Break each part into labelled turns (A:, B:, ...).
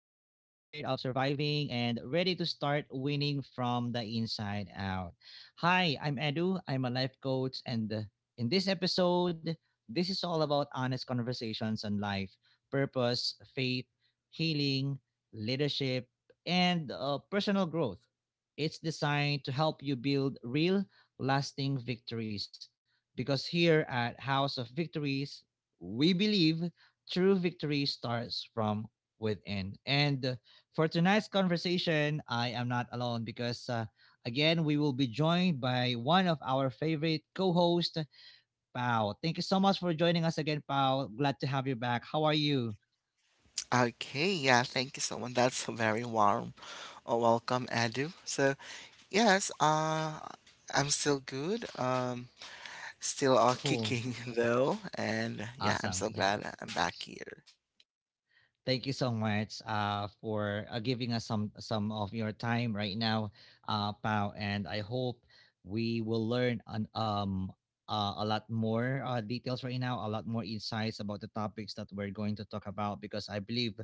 A: Of surviving and ready to start winning from the inside out. Hi, I'm Edu. I'm a life coach, and in this episode, this is all about honest conversations on life, purpose, faith, healing, leadership, and personal growth. It's designed to help you build real, lasting victories because here at House of Victories, we believe true victory starts from within. And for tonight's conversation, I am not alone because, again, we will be joined by one of our favorite co host, Pao. Thank you so much for joining us again, Pao. Glad to have you back. How are you?
B: Okay, yeah, thank you so much. That's a very warm welcome, Edu. So, yes, I'm still good. Still
A: Cool.
B: kicking though, and yeah, I'm
A: Awesome.
B: so
A: Yeah.
B: glad I'm back here.
A: Thank you so much for giving us some of your time right now, Pao. And I hope we will learn a lot more details right now, a lot more insights about the topics that we're going to talk about. Because I believe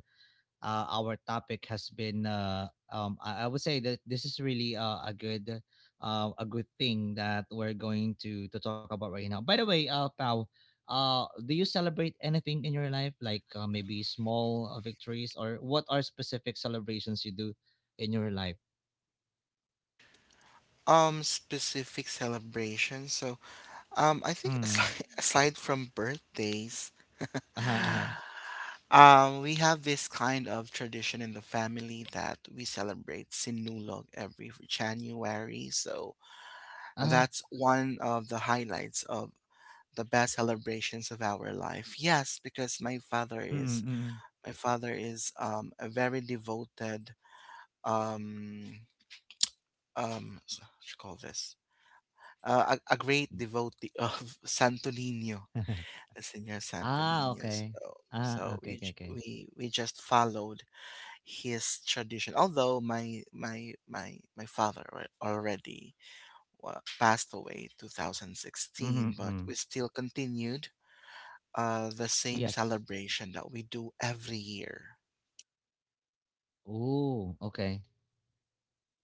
A: our topic has been I would say that this is really uh, a good thing that we're going to talk about right now. By the way, Pau, do you celebrate anything in your life, like maybe small victories, or what are specific celebrations you do in your life?
B: Specific celebration. So, I think
A: Mm.
B: aside from birthdays,
A: Uh-huh, uh-huh.
B: we have this kind of tradition in the family that we celebrate Sinulog every January. So
A: Uh-huh.
B: that's one of the highlights of the best celebrations of our life. Yes, because my father is
A: Mm-mm-mm.
B: my father is a very devoted um what you call this, a great devotee of Santonino, the Señor Santo.
A: Ah, okay.
B: So,
A: Ah,
B: so
A: okay,
B: we
A: okay,
B: j-
A: okay.
B: we just followed his tradition. Although my father passed away 2016, but
A: Mm-hmm.
B: we still continued the same
A: Yes.
B: celebration that we do every year.
A: Ooh, okay.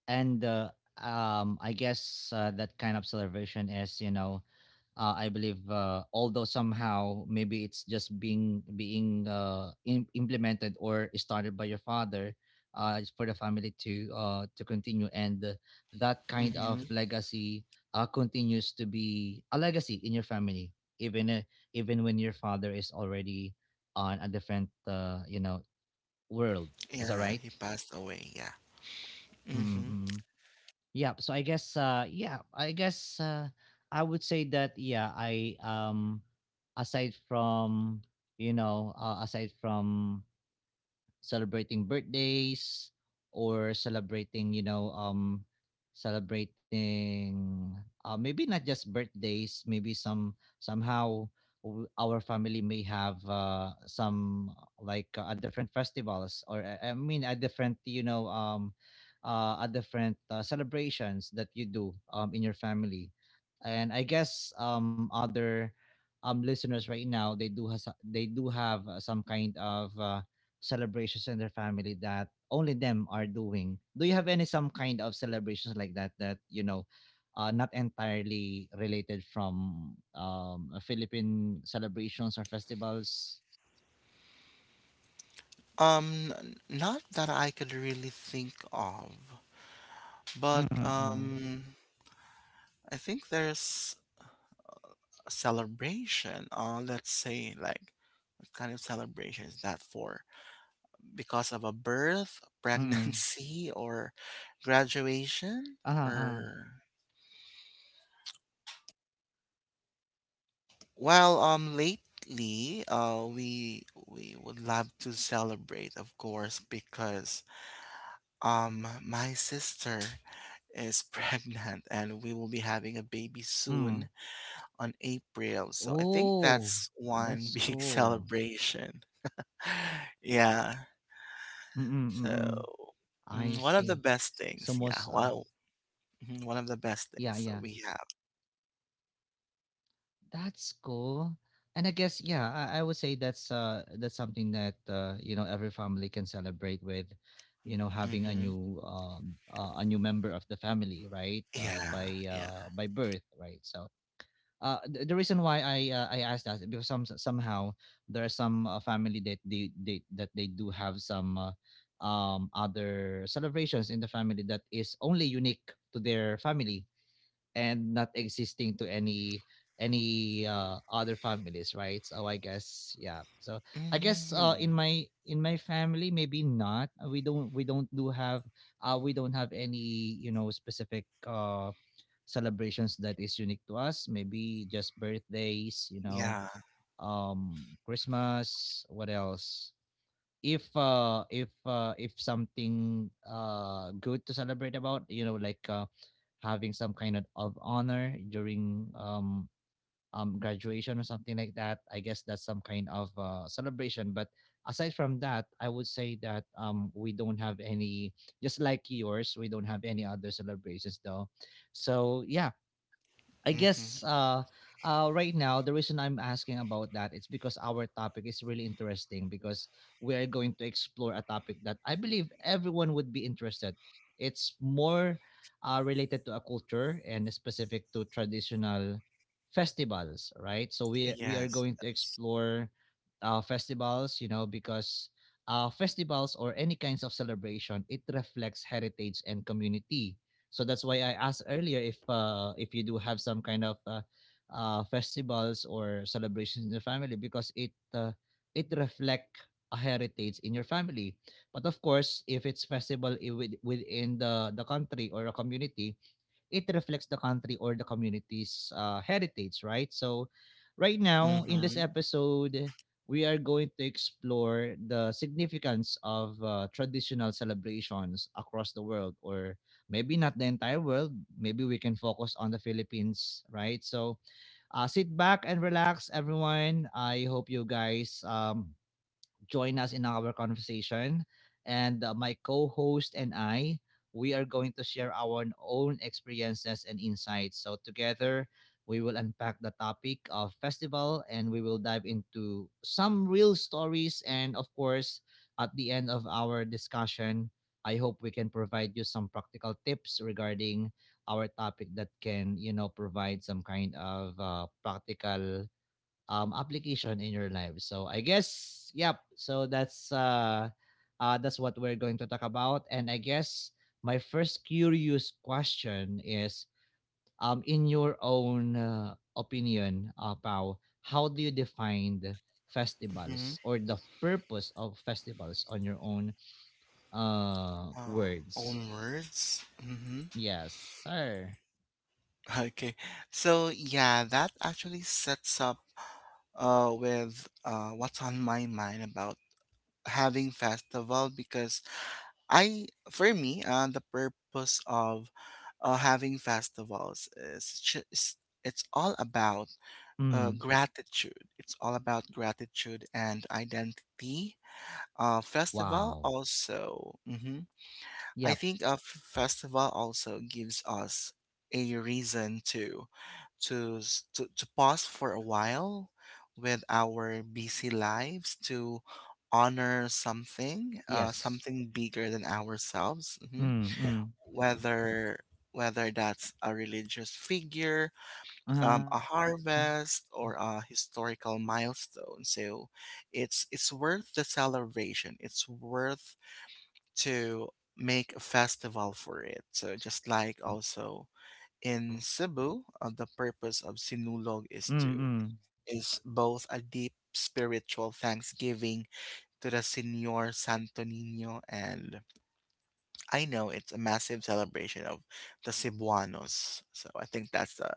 A: And I guess that kind of celebration is you know, I believe although somehow maybe it's just being being im implemented or started by your father, it's for the family to continue, and that kind
B: Mm-hmm.
A: of legacy continues to be a legacy in your family, even even when your father is already on a different you know, world. Is that
B: Yeah,
A: right?
B: he passed away. Yeah.
A: Mm,
B: Mm-hmm.
A: mm. Yeah. So I guess I would say that yeah, I aside from you know, aside from celebrating birthdays, or celebrating, you know, um, celebrating maybe not just birthdays, maybe some somehow our family may have some like a different festivals, or I mean a different, you know, um, a different celebrations that you do in your family. And I guess other listeners right now they do have some kind of celebrations in their family that only them are doing. Do you have any some kind of celebrations like that that you know, not entirely related from Philippine celebrations or festivals?
B: Not that I could really think of, but
A: Mm-mm.
B: I think there's a celebration. Let's say, like, what kind of celebration is that for? Because of a birth,
A: Mm.
B: pregnancy, or graduation,
A: Uh-huh.
B: or, well, lately, we would love to celebrate, of course, because my sister is pregnant and we will be having a baby
A: Mm.
B: soon on April. So I think
A: Oh,
B: that's one
A: that's
B: big
A: cool.
B: celebration. Yeah.
A: Mm-mm, mm-mm.
B: So,
A: I
B: one of
A: see.
B: the best
A: So
B: things.
A: most
B: Yeah.
A: uh,
B: Well, mhm, one of the best
A: yeah,
B: things that
A: yeah.
B: we have.
A: That's cool. And I guess yeah, I would say that's something that you know every family can celebrate with, you know, having
B: Hmm.
A: a new member of the family, right?
B: Yeah. Yeah.
A: By birth, right? So the reason why I asked that is because some somehow there are some family that they do have some other celebrations in the family that is only unique to their family and not existing to any other families, right? So I guess yeah, so I guess
B: Hmm.
A: in my family maybe not. We don't do have we don't have any you know specific celebrations that is unique to us, maybe just birthdays you know,
B: Yeah.
A: um, Christmas, what else? If if something good to celebrate about, you know, like uh, having some kind of honor during graduation, or something like that. I guess that's some kind of celebration, but aside from that I would say that we don't have any, just like yours, we don't have any other celebrations though. So yeah, I guess
B: Hmm.
A: right now the reason I'm asking about that is because our topic is really interesting, because we are going to explore a topic that I believe everyone would be interested. It's more related to a culture and specific to traditional festivals, right? So we are
B: Yes,
A: going to
B: yes.
A: explore festivals, you know, because festivals or any kinds of celebration, it reflects heritage and community. So that's why I asked earlier if you do have some kind of festivals or celebrations in your family, because it it reflect a heritage in your family. But of course, if it's festival with, within the country or a community, it reflects the country or the community's heritage, right? So, right now in this
B: Mm-hmm.
A: episode, we are going to explore the significance of traditional celebrations across the world, or maybe not the entire world. Maybe we can focus on the Philippines, right? So, sit back and relax, everyone. I hope you guys join us in our conversation. And my co host and I, we are going to share our own experiences and insights. So, together, we will unpack the topic of festival, and we will dive into some real stories. And of course, at the end of our discussion, I hope we can provide you some practical tips regarding our topic that can, you know, provide some kind of practical application in your life. So I guess yep. So that's that's what we're going to talk about. And I guess my first curious question is in your own opinion, Pao, how do you define the
B: Mm-hmm.
A: festivals or the purpose of festivals on your own
B: Uh,
A: words?
B: Own words. Mm-hmm.
A: Yes, sir.
B: Okay. So yeah, that actually sets up with what's on my mind about having festival, because I for me, the purpose of having festivals is just, it's all about
A: Mm.
B: gratitude. It's all about gratitude and identity. Festival
A: Wow.
B: also. Mhm. I
A: Yep.
B: think festival also gives us a reason to to pause for a while with our busy lives to
A: Yes.
B: honor something, something
A: Mm,
B: bigger than
A: mm.
B: ourselves mhm. whether whether that's
A: Uh-huh.
B: a religious figure, a harvest, or a historical milestone, so it's worth the celebration, it's worth to make a
A: Yep. Yep.
B: festival for it. So just
A: Mm.
B: like also in Cebu, the purpose of Sinulog is
A: Mm,
B: to
A: mm.
B: is both a deep spiritual thanksgiving to the Señor Santo Niño, and I know it's a massive celebration of the Cebuanos. So I think that's the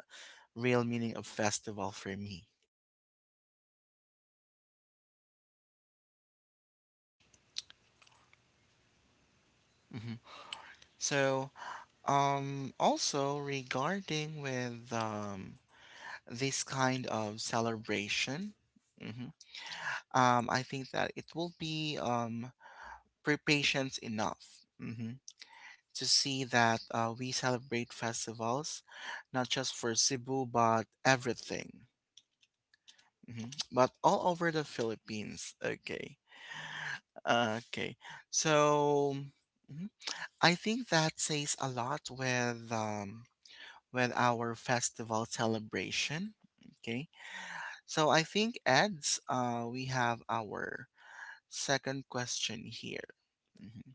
B: real meaning of festival for me.
A: Mm. That's cool,
B: Mhm.
A: you know. Um,
B: So, also regarding with, this kind of celebration, mhm, I think that it will be for patients enough, to see that we celebrate festivals, not just for Cebu, but everything, mhm, but all over the Philippines. Okay. Okay. So, mhm, I think that says a lot with, with our festival celebration. Okay. So I think Ed's, we have our second question here. Mm-hmm.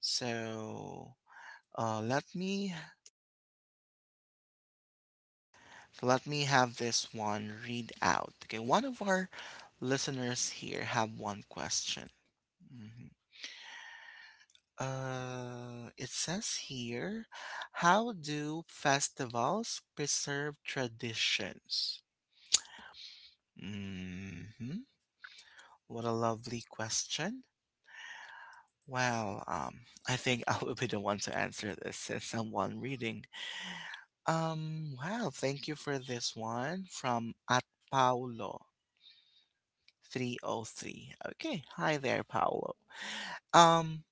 B: So, uh, let me let me have this one read out. Okay, one of our listeners here have one question. Mhm. It says here, how do festivals preserve traditions? Hmm. What a lovely question. Well, I think I will be the one to answer this, since I'm one reading. Well, thank you for this one from @Paulo303. Okay, hi there, Paolo. Um,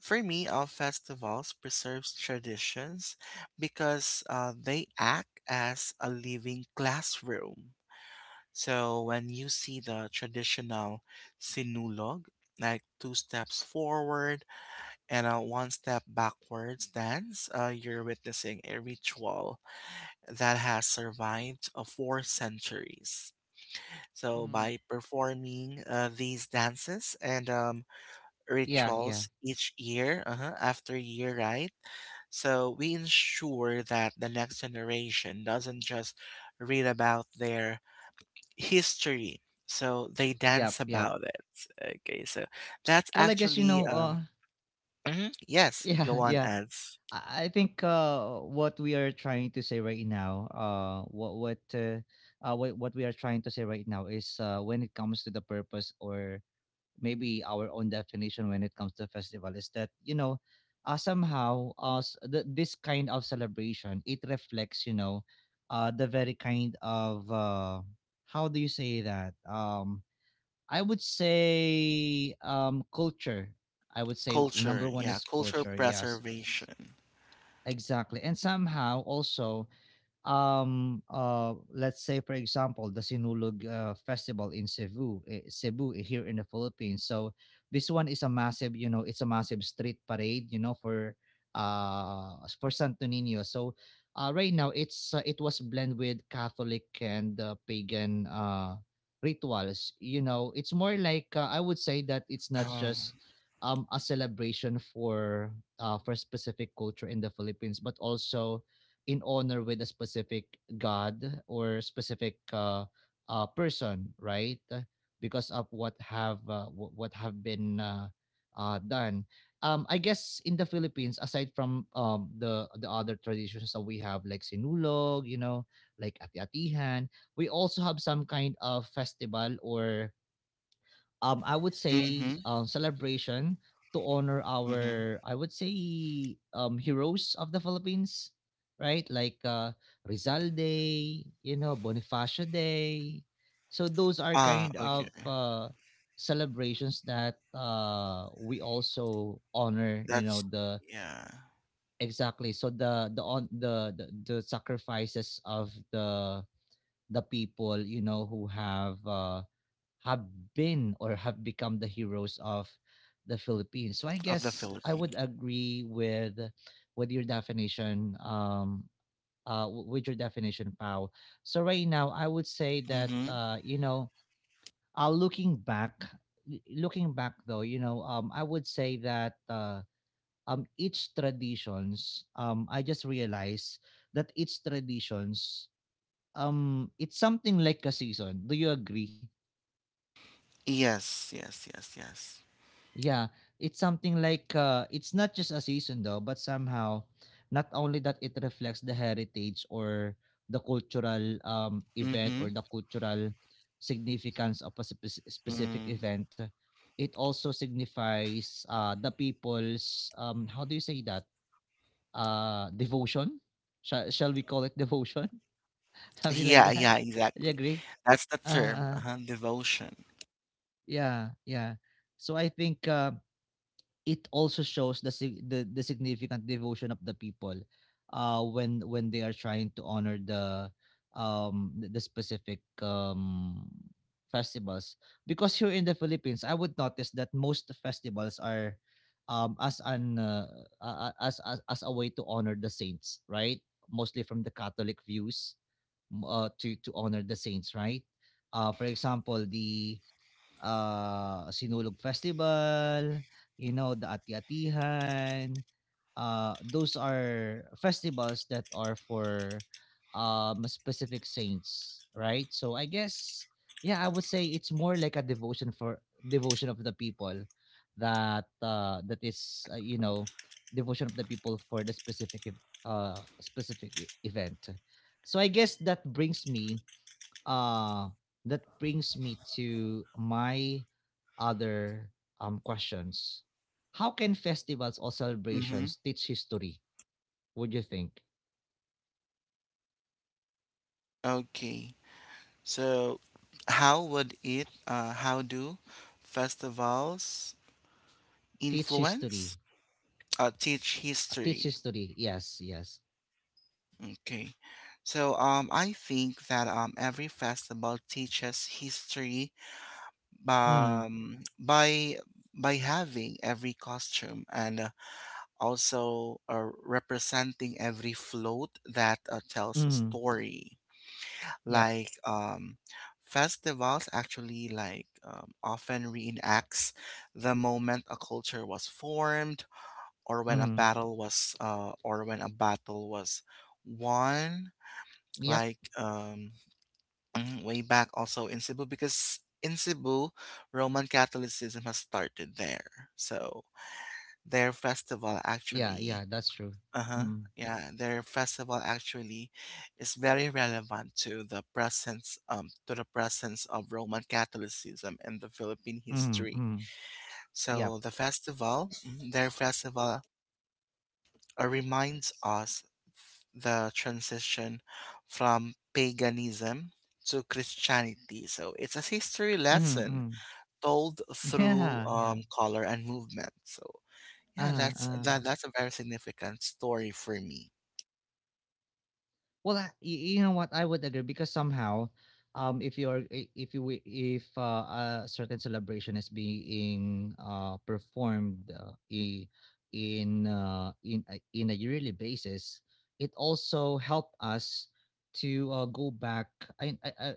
B: for me, all festivals preserves traditions because they act as a living classroom. So when you see the traditional sinulog, like two steps forward and a one step backwards dance, you're witnessing a ritual that has survived 4 centuries. So by
A: mhm.
B: performing, these dances, and
A: Yeah, yeah.
B: rituals, each year, uh-huh, after year, right? So we ensure that the next generation doesn't just read about their history, so they
A: Yep,
B: dance
A: yep.
B: about it. Okay, so that's
A: Well, I guess you
B: actually
A: know, uh,
B: mhm, yes, go
A: yeah,
B: on
A: yeah.
B: as
A: I think what we are trying to say right now, what we are trying to say right now is when it comes to the purpose or maybe our own definition when it comes to festival is that, you know, somehow this kind of celebration, it reflects, you know, the very kind of uh, how do you say that? Um, I would say culture. I would say
B: culture,
A: number one
B: yeah,
A: is
B: culture
A: culture, yes.
B: preservation.
A: Exactly. And somehow also um, uh, let's say for example the Sinulog festival in Cebu, here in the Philippines. So this one is a massive, you know, it's a massive street parade, you know, for Santo Niño. So right now it's it was blend with Catholic and pagan rituals, you know. It's more like I would say that it's not
B: Oh,
A: just a celebration for specific culture in the Philippines, but also in honor with a specific god, or specific person, right? Because of what have what have been done. I guess in the Philippines, aside from the other traditions that we have, like Sinulog, you know, like Ati-Atihan, we also have some kind of festival or I would say
B: mm-hmm,
A: celebration to honor
B: mm-hmm.
A: our, I would say, heroes of the Philippines, right? Like Rizal Day, you know, Bonifacio Day. So those are
B: Ah,
A: kind
B: okay,
A: of celebrations that we also honor, you know,
B: that's
A: the
B: yeah,
A: exactly. So the sacrifices of the people, you know, who have been or have become the heroes of the Philippines. So I
B: of the
A: guess I would
B: Philippines.
A: agree with your definition with your definition, Pau. So right now I would say that
B: Mm-hmm.
A: you know looking back, looking back though, you know, um, I would say that each traditions, I just realized that each traditions um, it's something like a season. Do you agree?
B: Yes, yes, yes, yes.
A: Yeah, it's something like it's not just a season though, but somehow not only that it reflects the heritage or the cultural event,
B: Mm-hmm.
A: or the cultural significance of a specific
B: Mm.
A: event, it also signifies the people's how do you say that devotion? Shall we call it devotion? Something like
B: Yeah,
A: that.
B: yeah,
A: Do you
B: exactly.
A: agree?
B: That's the
A: Uh,
B: term,
A: uh,
B: uh-huh, devotion.
A: yeah, yeah. So I think it also shows the the significant devotion of the people when they are trying to honor the the specific festivals, because here in the Philippines I would notice that most festivals are as an as a way to honor the saints, right? Mostly from the Catholic views, to honor the saints, right? Uh, for example the Sinulog Festival, you know, the Ati-Atihan. Those are festivals that are for specific saints, right? So I guess, yeah, I would say it's more like a devotion for devotion of the people that is devotion of the people for the specific specific event. So I guess uh, that brings me to my other questions. How can festivals or
B: Mm-hmm.
A: celebrations teach history? Would you think
B: Okay. So, how do festivals
A: teach
B: influence,
A: history?
B: teach
A: Teach
B: history?
A: history? Yes, yes.
B: Okay. So, I think that, every festival teaches history,
A: Mm,
B: um, by by having every costume and also, representing every float that, tells a
A: mm,
B: story,
A: yep.
B: like, festivals actually, like, often reenacts the moment a culture was formed, or when a
A: Mm,
B: battle was or when a battle was won,
A: yep.
B: like, way back also in Cebu, because in Cebu Roman Catholicism has started there, so their festival
A: Yeah,
B: actually.
A: yeah. That's true.
B: Uh-huh.
A: Mm,
B: Yeah, their festival actually is very relevant to the presence of Roman Catholicism in the Philippine
A: mm,
B: history.
A: mm,
B: So
A: yep.
B: their festival, reminds us the transition from paganism to Christianity. So it's a history
A: Mm,
B: lesson
A: mm.
B: told through,
A: Yeah, yeah.
B: color and movement. So yeah,
A: Uh,
B: that's
A: uh.
B: that that's a very significant story for me.
A: Well, you know what? I would agree because somehow, if if if a certain celebration is being performed in a yearly basis, it also help us to go back. I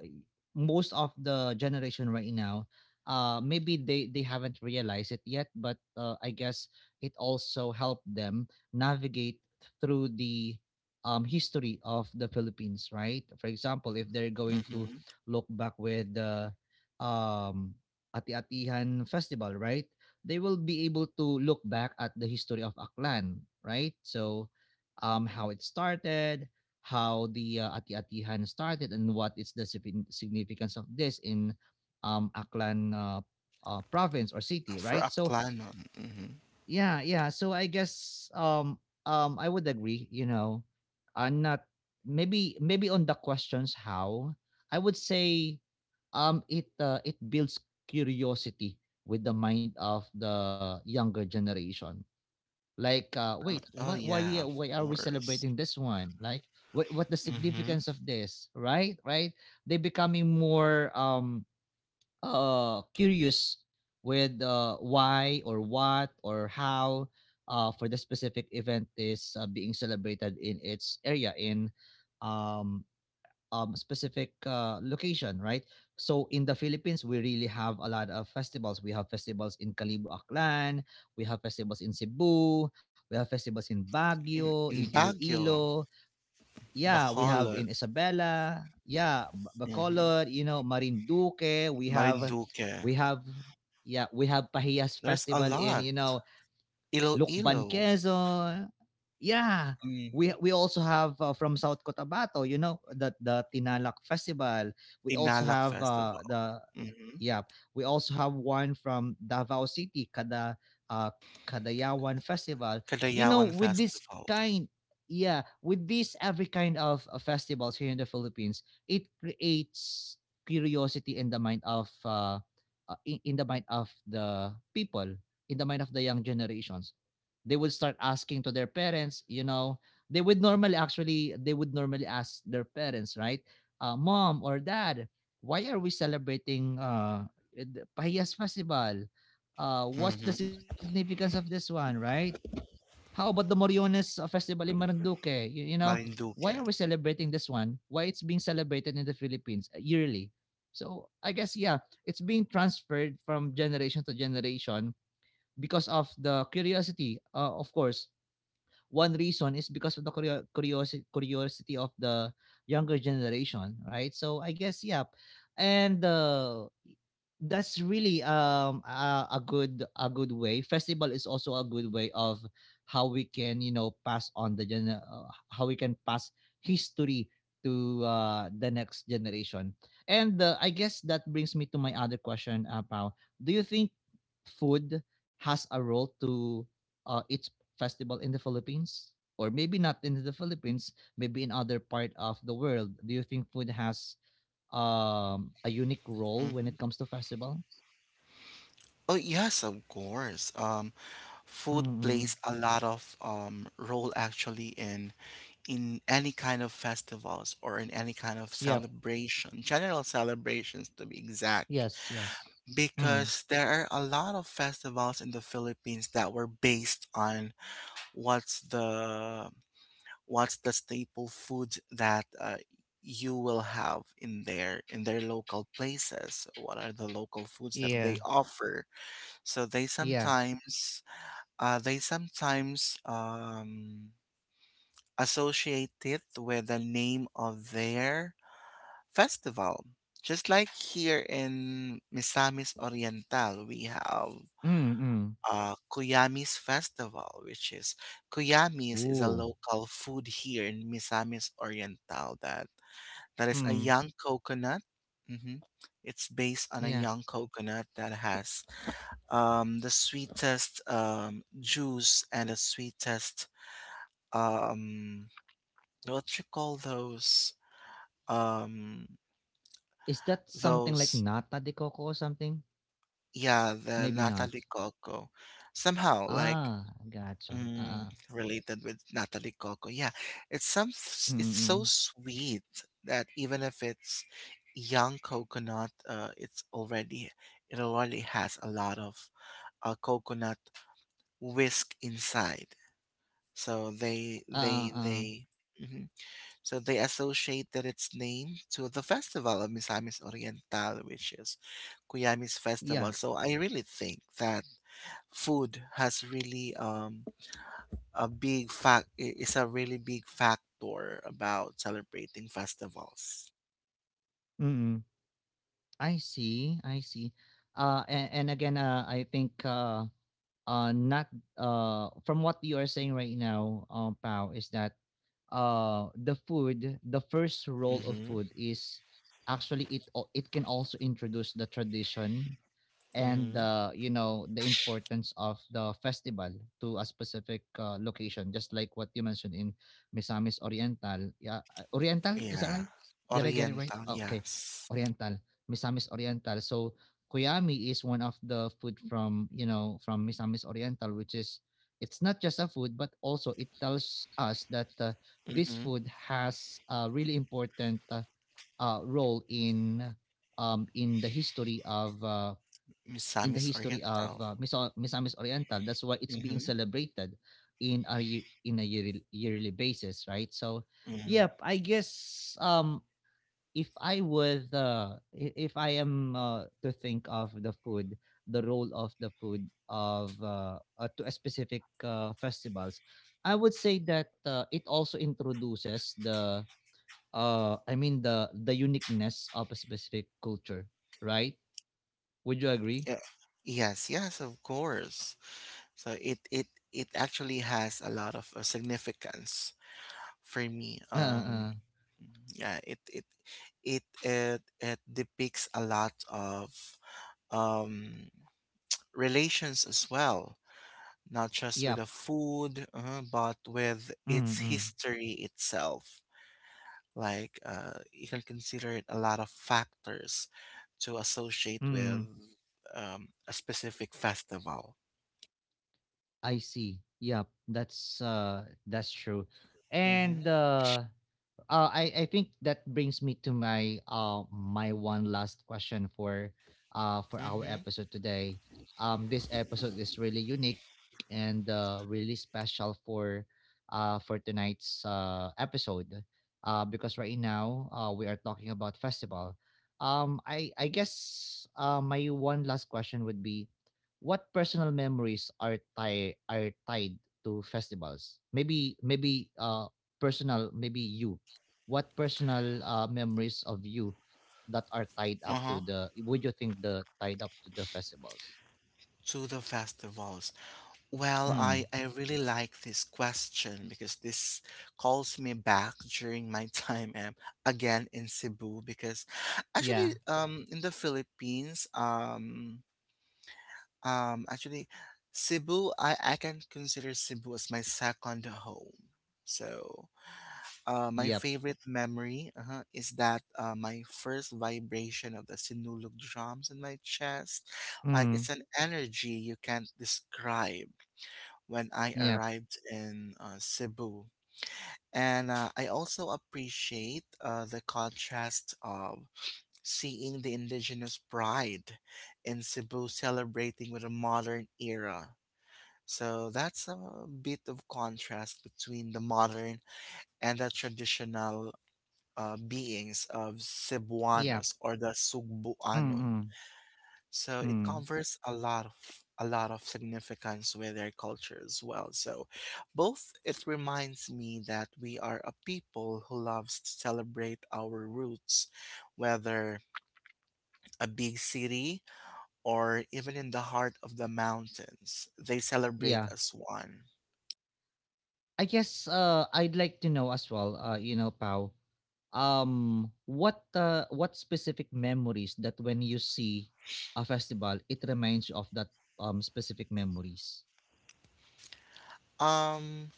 A: Most of the generation right now, maybe they haven't realized it yet, but I guess it also helped them navigate through the history of the Philippines, right? For example, if they're going to
B: Mhm.
A: look back with the um, Ati-Atihan Festival, right? They will be able to look back at the history of Aklan, right? So, how it started, how the Ati-Atihan started, and what is the significance of this in Aklan province or city,
B: For
A: right? So,
B: Aklanon. Mhm.
A: yeah, yeah, so I guess I would agree, you know. I'm not, maybe on the questions how. I would say, it it builds curiosity with the mind of the younger generation. Like wait,
B: Oh
A: what, why? Yeah,
B: yeah, of
A: why are we
B: course.
A: celebrating this one? Like what the
B: Mm-hmm.
A: significance of this, right? Right. They becoming more curious with why or what or how for the specific event is being celebrated in its area in um specific location, right? So in the Philippines we really have a lot of festivals. We have festivals in Kalibu, Aklan. We have festivals in Cebu. We have festivals in
B: In,
A: Baguio, in
B: in Baguio,
A: Iloilo. Yeah, we have in
B: Bacolod,
A: Isabela, yeah,
B: mm-hmm.
A: Bacolod, you know, Marinduque. We have,
B: Marinduque.
A: we have, yeah, we have Pahiyas
B: There's a
A: Festival in,
B: lot.
A: you know,
B: Iloilo,
A: Lukban, Quezon. Yeah.
B: mm.
A: We also have from South Cotabato, you know, the Tinalak Festival. We also
B: Tinalak
A: have
B: Festival,
A: the,
B: mm-hmm.
A: yeah, we also have one from Davao City, uh, Kadayawan Festival. You know,
B: Cagayawan
A: with this
B: Festival,
A: kind, yeah, with this every kind of festivals here in the Philippines, it creates curiosity in the mind of in the mind of the people, in the mind of the young generations. They would start asking to their parents. You know, they would normally, actually they would normally ask their parents, right? Mom or Dad, why are we celebrating the Pahiyas Festival? What's the
B: mm-hmm.
A: significance of this one, right? How about the Moriones Festival in Marinduque? You know, why
B: Marinduque.
A: are we celebrating this one? Why it's being celebrated in the Philippines yearly? So I guess, yeah, it's being transferred from generation to generation because of the curiosity. Of course, one reason is because of the curiosity of the younger generation, right? So I guess, yeah, and that's really a good, a good way. Festival is also a good way of how we can, you know, pass on the gen- how we can pass history to the next generation. And I guess that brings me to my other question about, do you think food has a role to its festival in the Philippines, or maybe not in the Philippines, maybe in other part of the world? Do you think food has a unique role when it
B: Mm-hmm.
A: comes to festival?
B: Oh yes, of course.
A: Mm,
B: Food
A: mm.
B: plays a lot of, role, actually, in any kind of festivals or in any kind of
A: Yep.
B: celebration, general celebrations to be exact,
A: Yes, yes. Mm.
B: because there are a lot of festivals in the Philippines that were based on what's the what's the staple food that, you will have in their local places. What are the local foods that they
A: Yeah.
B: offer? So they
A: Yeah.
B: sometimes uh, they sometimes associate it with the name of their festival. Just like here in Misamis Oriental, we have,
A: Mm, mm.
B: Kuyamis Festival, which is, Kuyamis is a
A: Ooh.
B: local food here in Misamis Oriental, that is a
A: Mm.
B: young coconut. Hmm. It's based on a
A: Yeah.
B: young coconut that has, the sweetest, juice and the sweetest, um, what you call those, um
A: Is that something like
B: those,
A: nata de coco or something?
B: yeah, the
A: Maybe
B: Natalie
A: not.
B: Coco, somehow like,
A: Ah, gotcha.
B: mm,
A: Uh-uh.
B: related with Natalie Coco, yeah, it's so
A: Mm-mm.
B: sweet that even if it's young coconut, it already has a lot of, coconut whisk inside, so they
A: Uh-uh.
B: they
A: Uh-uh.
B: they mhm. So they associated its name to the festival of Misamis Oriental, which is Kuyami's
A: Yeah.
B: festival. So I really think that food has really, a really big factor about celebrating festivals.
A: Mm-mm. I see. I see. And again, I think not, from what you are saying right now, Pao, is that the food, the first role of
B: Mm-hmm.
A: food is actually, it it can also introduce the tradition and
B: Mm-hmm.
A: you know, the importance of the festival to a specific location, just like what you mentioned in Misamis Oriental. Yeah, Oriental, is that
B: Yeah.
A: right? Did I get it right?
B: Oriental,
A: Oh, okay.
B: yes.
A: Oriental. Misamis Oriental. So Koyami is one of the food from, you know, from Misamis Oriental, which is, it's not just a food, but also it tells us that this
B: Mm-hmm.
A: food has a really important role in the history of in the
B: Misamis
A: history of
B: Oriental.
A: Misamis Oriental. That's why it's being
B: Mm-hmm.
A: celebrated in a in a yearly, yearly basis, right? So,
B: Mm-hmm.
A: yeah, I guess if I would if I am to think of the food, the role of the food of to a specific festivals, I would say that it also introduces the I mean, the uniqueness of a specific culture, right? Would you agree?
B: Yeah. Yes, yes, of course. So it actually has a lot of, significance for
A: Uh,
B: me.
A: uh,
B: Yeah, it depicts a lot of, um relations as well, not just with
A: yeah.
B: the food, but with its
A: Mm,
B: history itself. Like, you can consider it a lot of factors to associate with,
A: mm.
B: a specific festival.
A: I see. Yep, that's true.
B: Mm-hmm.
A: And I think that brings me to my my one last question for our
B: Mm-hmm.
A: episode today. This episode is really unique and really special for tonight's episode. Because right now we are talking about festival. I guess my one last question would be, what personal memories are tied, are tied to festivals? Maybe, maybe personal, maybe you, what personal memories of you that are tied up
B: Uh
A: to the, would you think the tied up to the festivals?
B: to the festivals? Well,
A: Mm.
B: I really like this question, because this calls me back during my time, again in Cebu, because
A: yeah
B: actually, in the Philippines, actually, Cebu, I can consider Cebu as my second home. So, my
A: yep
B: favorite memory, is that, my first vibration of the sinulog drums in my chest, like it's
A: mm.
B: an energy you can't describe, when I
A: yep
B: arrived in, Cebu. And, I also appreciate, the contrast of seeing the indigenous pride in Cebu celebrating with a modern era. So that's a bit of contrast between the modern and the traditional, beings of
A: yep
B: Cebuanos or the Sugbuanon.
A: Mm-mm.
B: So
A: Mm.
B: it
A: Mm.
B: covers a lot of significance with their culture as well. So both it reminds me that we are a people who loves to celebrate our roots, whether a big city or even in the heart of the mountains. They celebrate
A: Yeah,
B: as one.
A: I guess I'd like to know as well, you know, pau what specific memories that when you see a festival it reminds you of that specific memories.
B: Um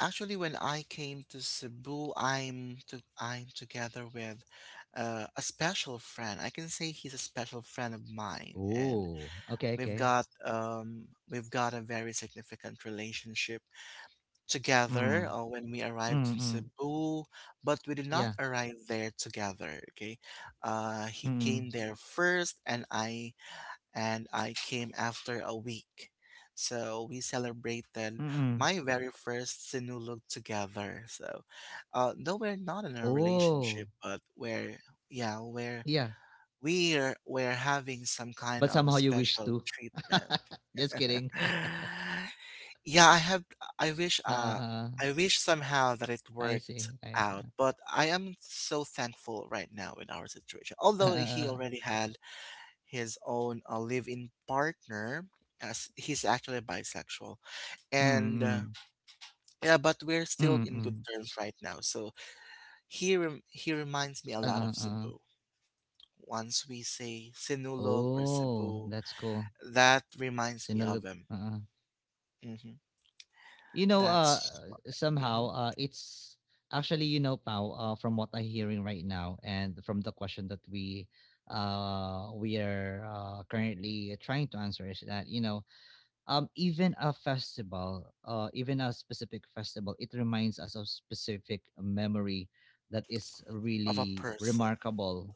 B: Actually, when I came to Cebu, I'm together with, a special friend. I can say he's a special friend of mine, and
A: Oh, okay,
B: We've
A: okay.
B: got um, we've got a very significant relationship together,
A: mm.
B: when we arrived in
A: Mm-mm.
B: Cebu, but we did not
A: Yeah.
B: arrive there together. Okay, he
A: Mm.
B: came there first, and I came after a week. So we celebrated
A: Mm.
B: my very first Sinulog together. So, though we're not in a
A: Oh,
B: relationship, but we're yeah
A: yeah,
B: we're having some kind
A: but
B: of a
A: somehow you wish
B: special
A: to.
B: treatment.
A: Just kidding.
B: Yeah, I wish uh
A: Oo,
B: I wish somehow that it
A: I
B: worked
A: see, I see.
B: out, but I am so thankful right now in our situation.
A: Oo,
B: Although he
A: oo.
B: already had his own, live-in partner, as he's actually bisexual. And,
A: Mm,
B: yeah, but we're still in good
A: mm.
B: terms right now. So he reminds me a lot
A: Oo,
B: of
A: oo.
B: Cebu. Once we say Sinulog or
A: Oh,
B: Cebu,
A: that's cool.
B: that reminds me of
A: Sinulog,
B: him.
A: oo.
B: Hmm.
A: You know,
B: That's what.
A: somehow, it's actually, you know, Pao, from what I'm hearing right now and from the question that we are currently trying to answer is that, you know, even a festival, even a specific festival, it reminds us of specific memory that is
B: Of a
A: really
B: person.
A: remarkable.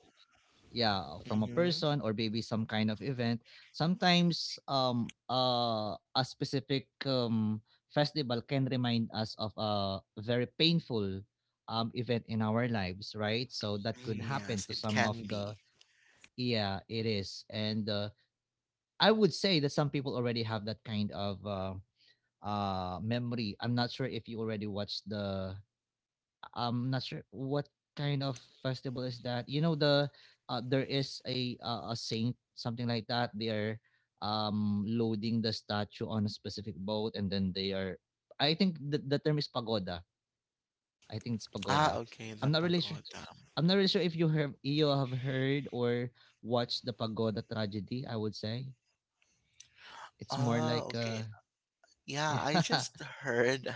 A: Yeah, from a
B: Mm-hmm.
A: person or maybe some kind of event. Sometimes a specific festival can remind us of a very painful event in our lives, right? So that could
B: Mm-hmm.
A: happen
B: Yes,
A: to
B: it
A: some of
B: can
A: the,
B: be.
A: yeah, it is. And I would say that some people already have that kind of memory. I'm not sure if you already watched the, I'm not sure what kind of festival is that, you know, the there is a, a saint, something like that. They are loading the statue on a specific boat, and then they are, I think the term is pagoda. I think it's
B: Ah,
A: pagoda.
B: okay,
A: I'm
B: the
A: not really sure.
B: pagoda.
A: I'm not really sure if you have, you have heard or watched the pagoda tragedy, I would say. It's more
B: Ah,
A: like
B: okay. Yeah,
A: yeah.
B: I just heard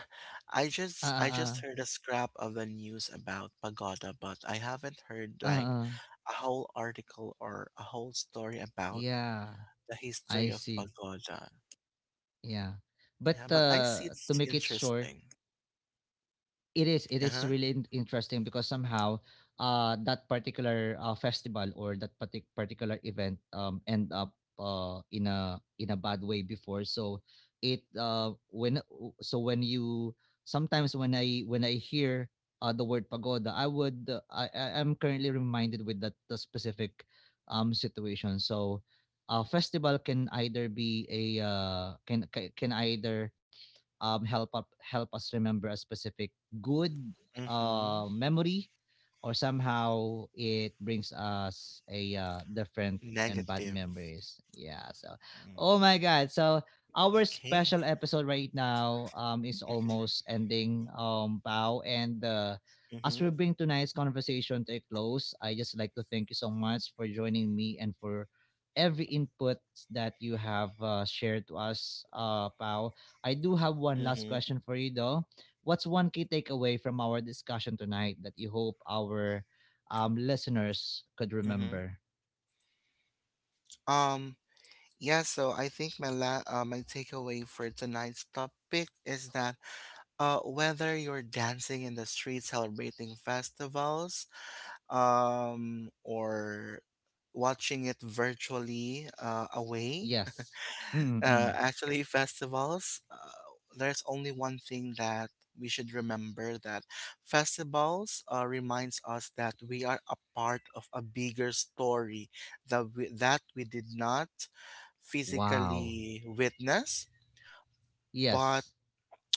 B: I just I
A: uh,
B: just heard a scrap of the news about pagoda, but I haven't heard
A: uh,
B: like
A: uh, uh,
B: a whole article or a whole story about
A: yeah.
B: the
A: I
B: history of
A: see,
B: pagoda.
A: yeah. But,
B: Yeah, but I see
A: to
B: it's
A: make it short,
B: interesting.
A: it is, it is
B: Uh-huh.
A: really interesting because somehow that particular festival or that particular event end up in a, in a bad way before. So it when, so when you sometimes, when I, when I hear the word pagoda, I would I'm currently reminded with that, the specific situation. So a festival can either be a can can either help up, help us remember a specific good
B: Mm-hmm.
A: memory, or somehow it brings us a different and bad
B: Negative.
A: memories. Yeah. So,
B: Mm.
A: oh my God. So our
B: Okay.
A: special episode right now is
B: Mm-hmm.
A: almost ending. Pao, and as we bring tonight's conversation to a close, I just like to thank you so much for joining me and for every input that you have shared to us, Pao. I do have one
B: Mm-hmm.
A: last
B: Mm-hmm.
A: question for you though. What's one key takeaway from our discussion tonight that you hope our listeners could
B: Mm-hmm.
A: remember?
B: Um, Yeah, so I think my takeaway for tonight's topic is that, whether you're dancing in the street celebrating festivals, or watching it virtually, away,
A: Yes. Mm-mm.
B: actually, festivals, there's only one thing that we should remember, that festivals, reminds us that we are a part of a bigger story, that we did not
A: Wow.
B: physically witness,
A: Yes.
B: but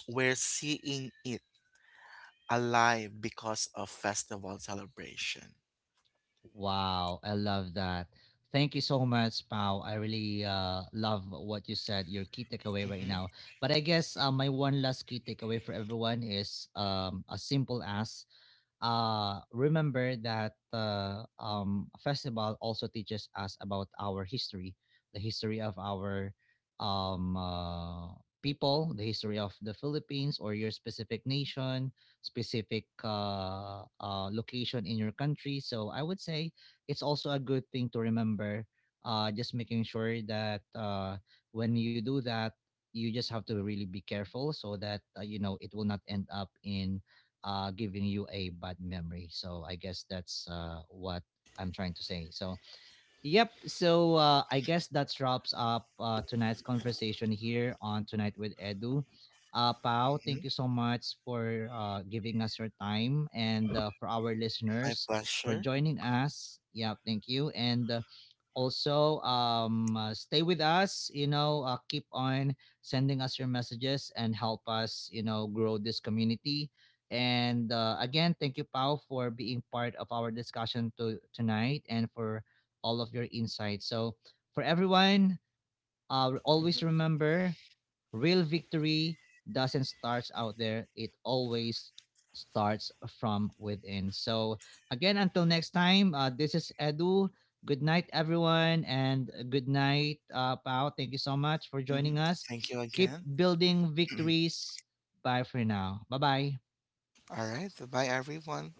B: we're seeing it alive because of festival celebration.
A: Wow. I love that. Thank you so much, Pao. I really love what you said, your key takeaway right
B: Mm-hmm.
A: now. But I guess my one last key takeaway for everyone is as simple as, remember that festival also teaches us about our history, the history of our um, uh, people, the history of the Philippines or your specific nation, specific location in your country. So I would say it's also a good thing to remember. Just making sure that when you do that, you just have to really be careful so that you know, it will not end up in giving you a bad memory. So I guess that's what I'm trying to say. So, yep. So I guess that wraps up tonight's conversation here on Tonight with Edu. Pao, thank
B: Hmm.
A: you so much for giving us your time, and for our
B: My
A: listeners for
B: pleasure.
A: joining us. Yeah, thank you. And also, stay with us. You know, keep on sending us your messages and help us, you know, grow this community. And again, thank you, Pao, for being part of our discussion to, tonight, and for all of your insights. So for everyone,
B: Mm-hmm.
A: always remember, real victory doesn't start out there, it always starts from within. So again, until next time, this is Edu. Good night, everyone, and good night, Pao. Thank you so much for
B: Hmm.
A: joining us.
B: Thank you
A: Keep
B: again.
A: building victories. Bye for now. Bye bye.
B: All right. Bye, everyone.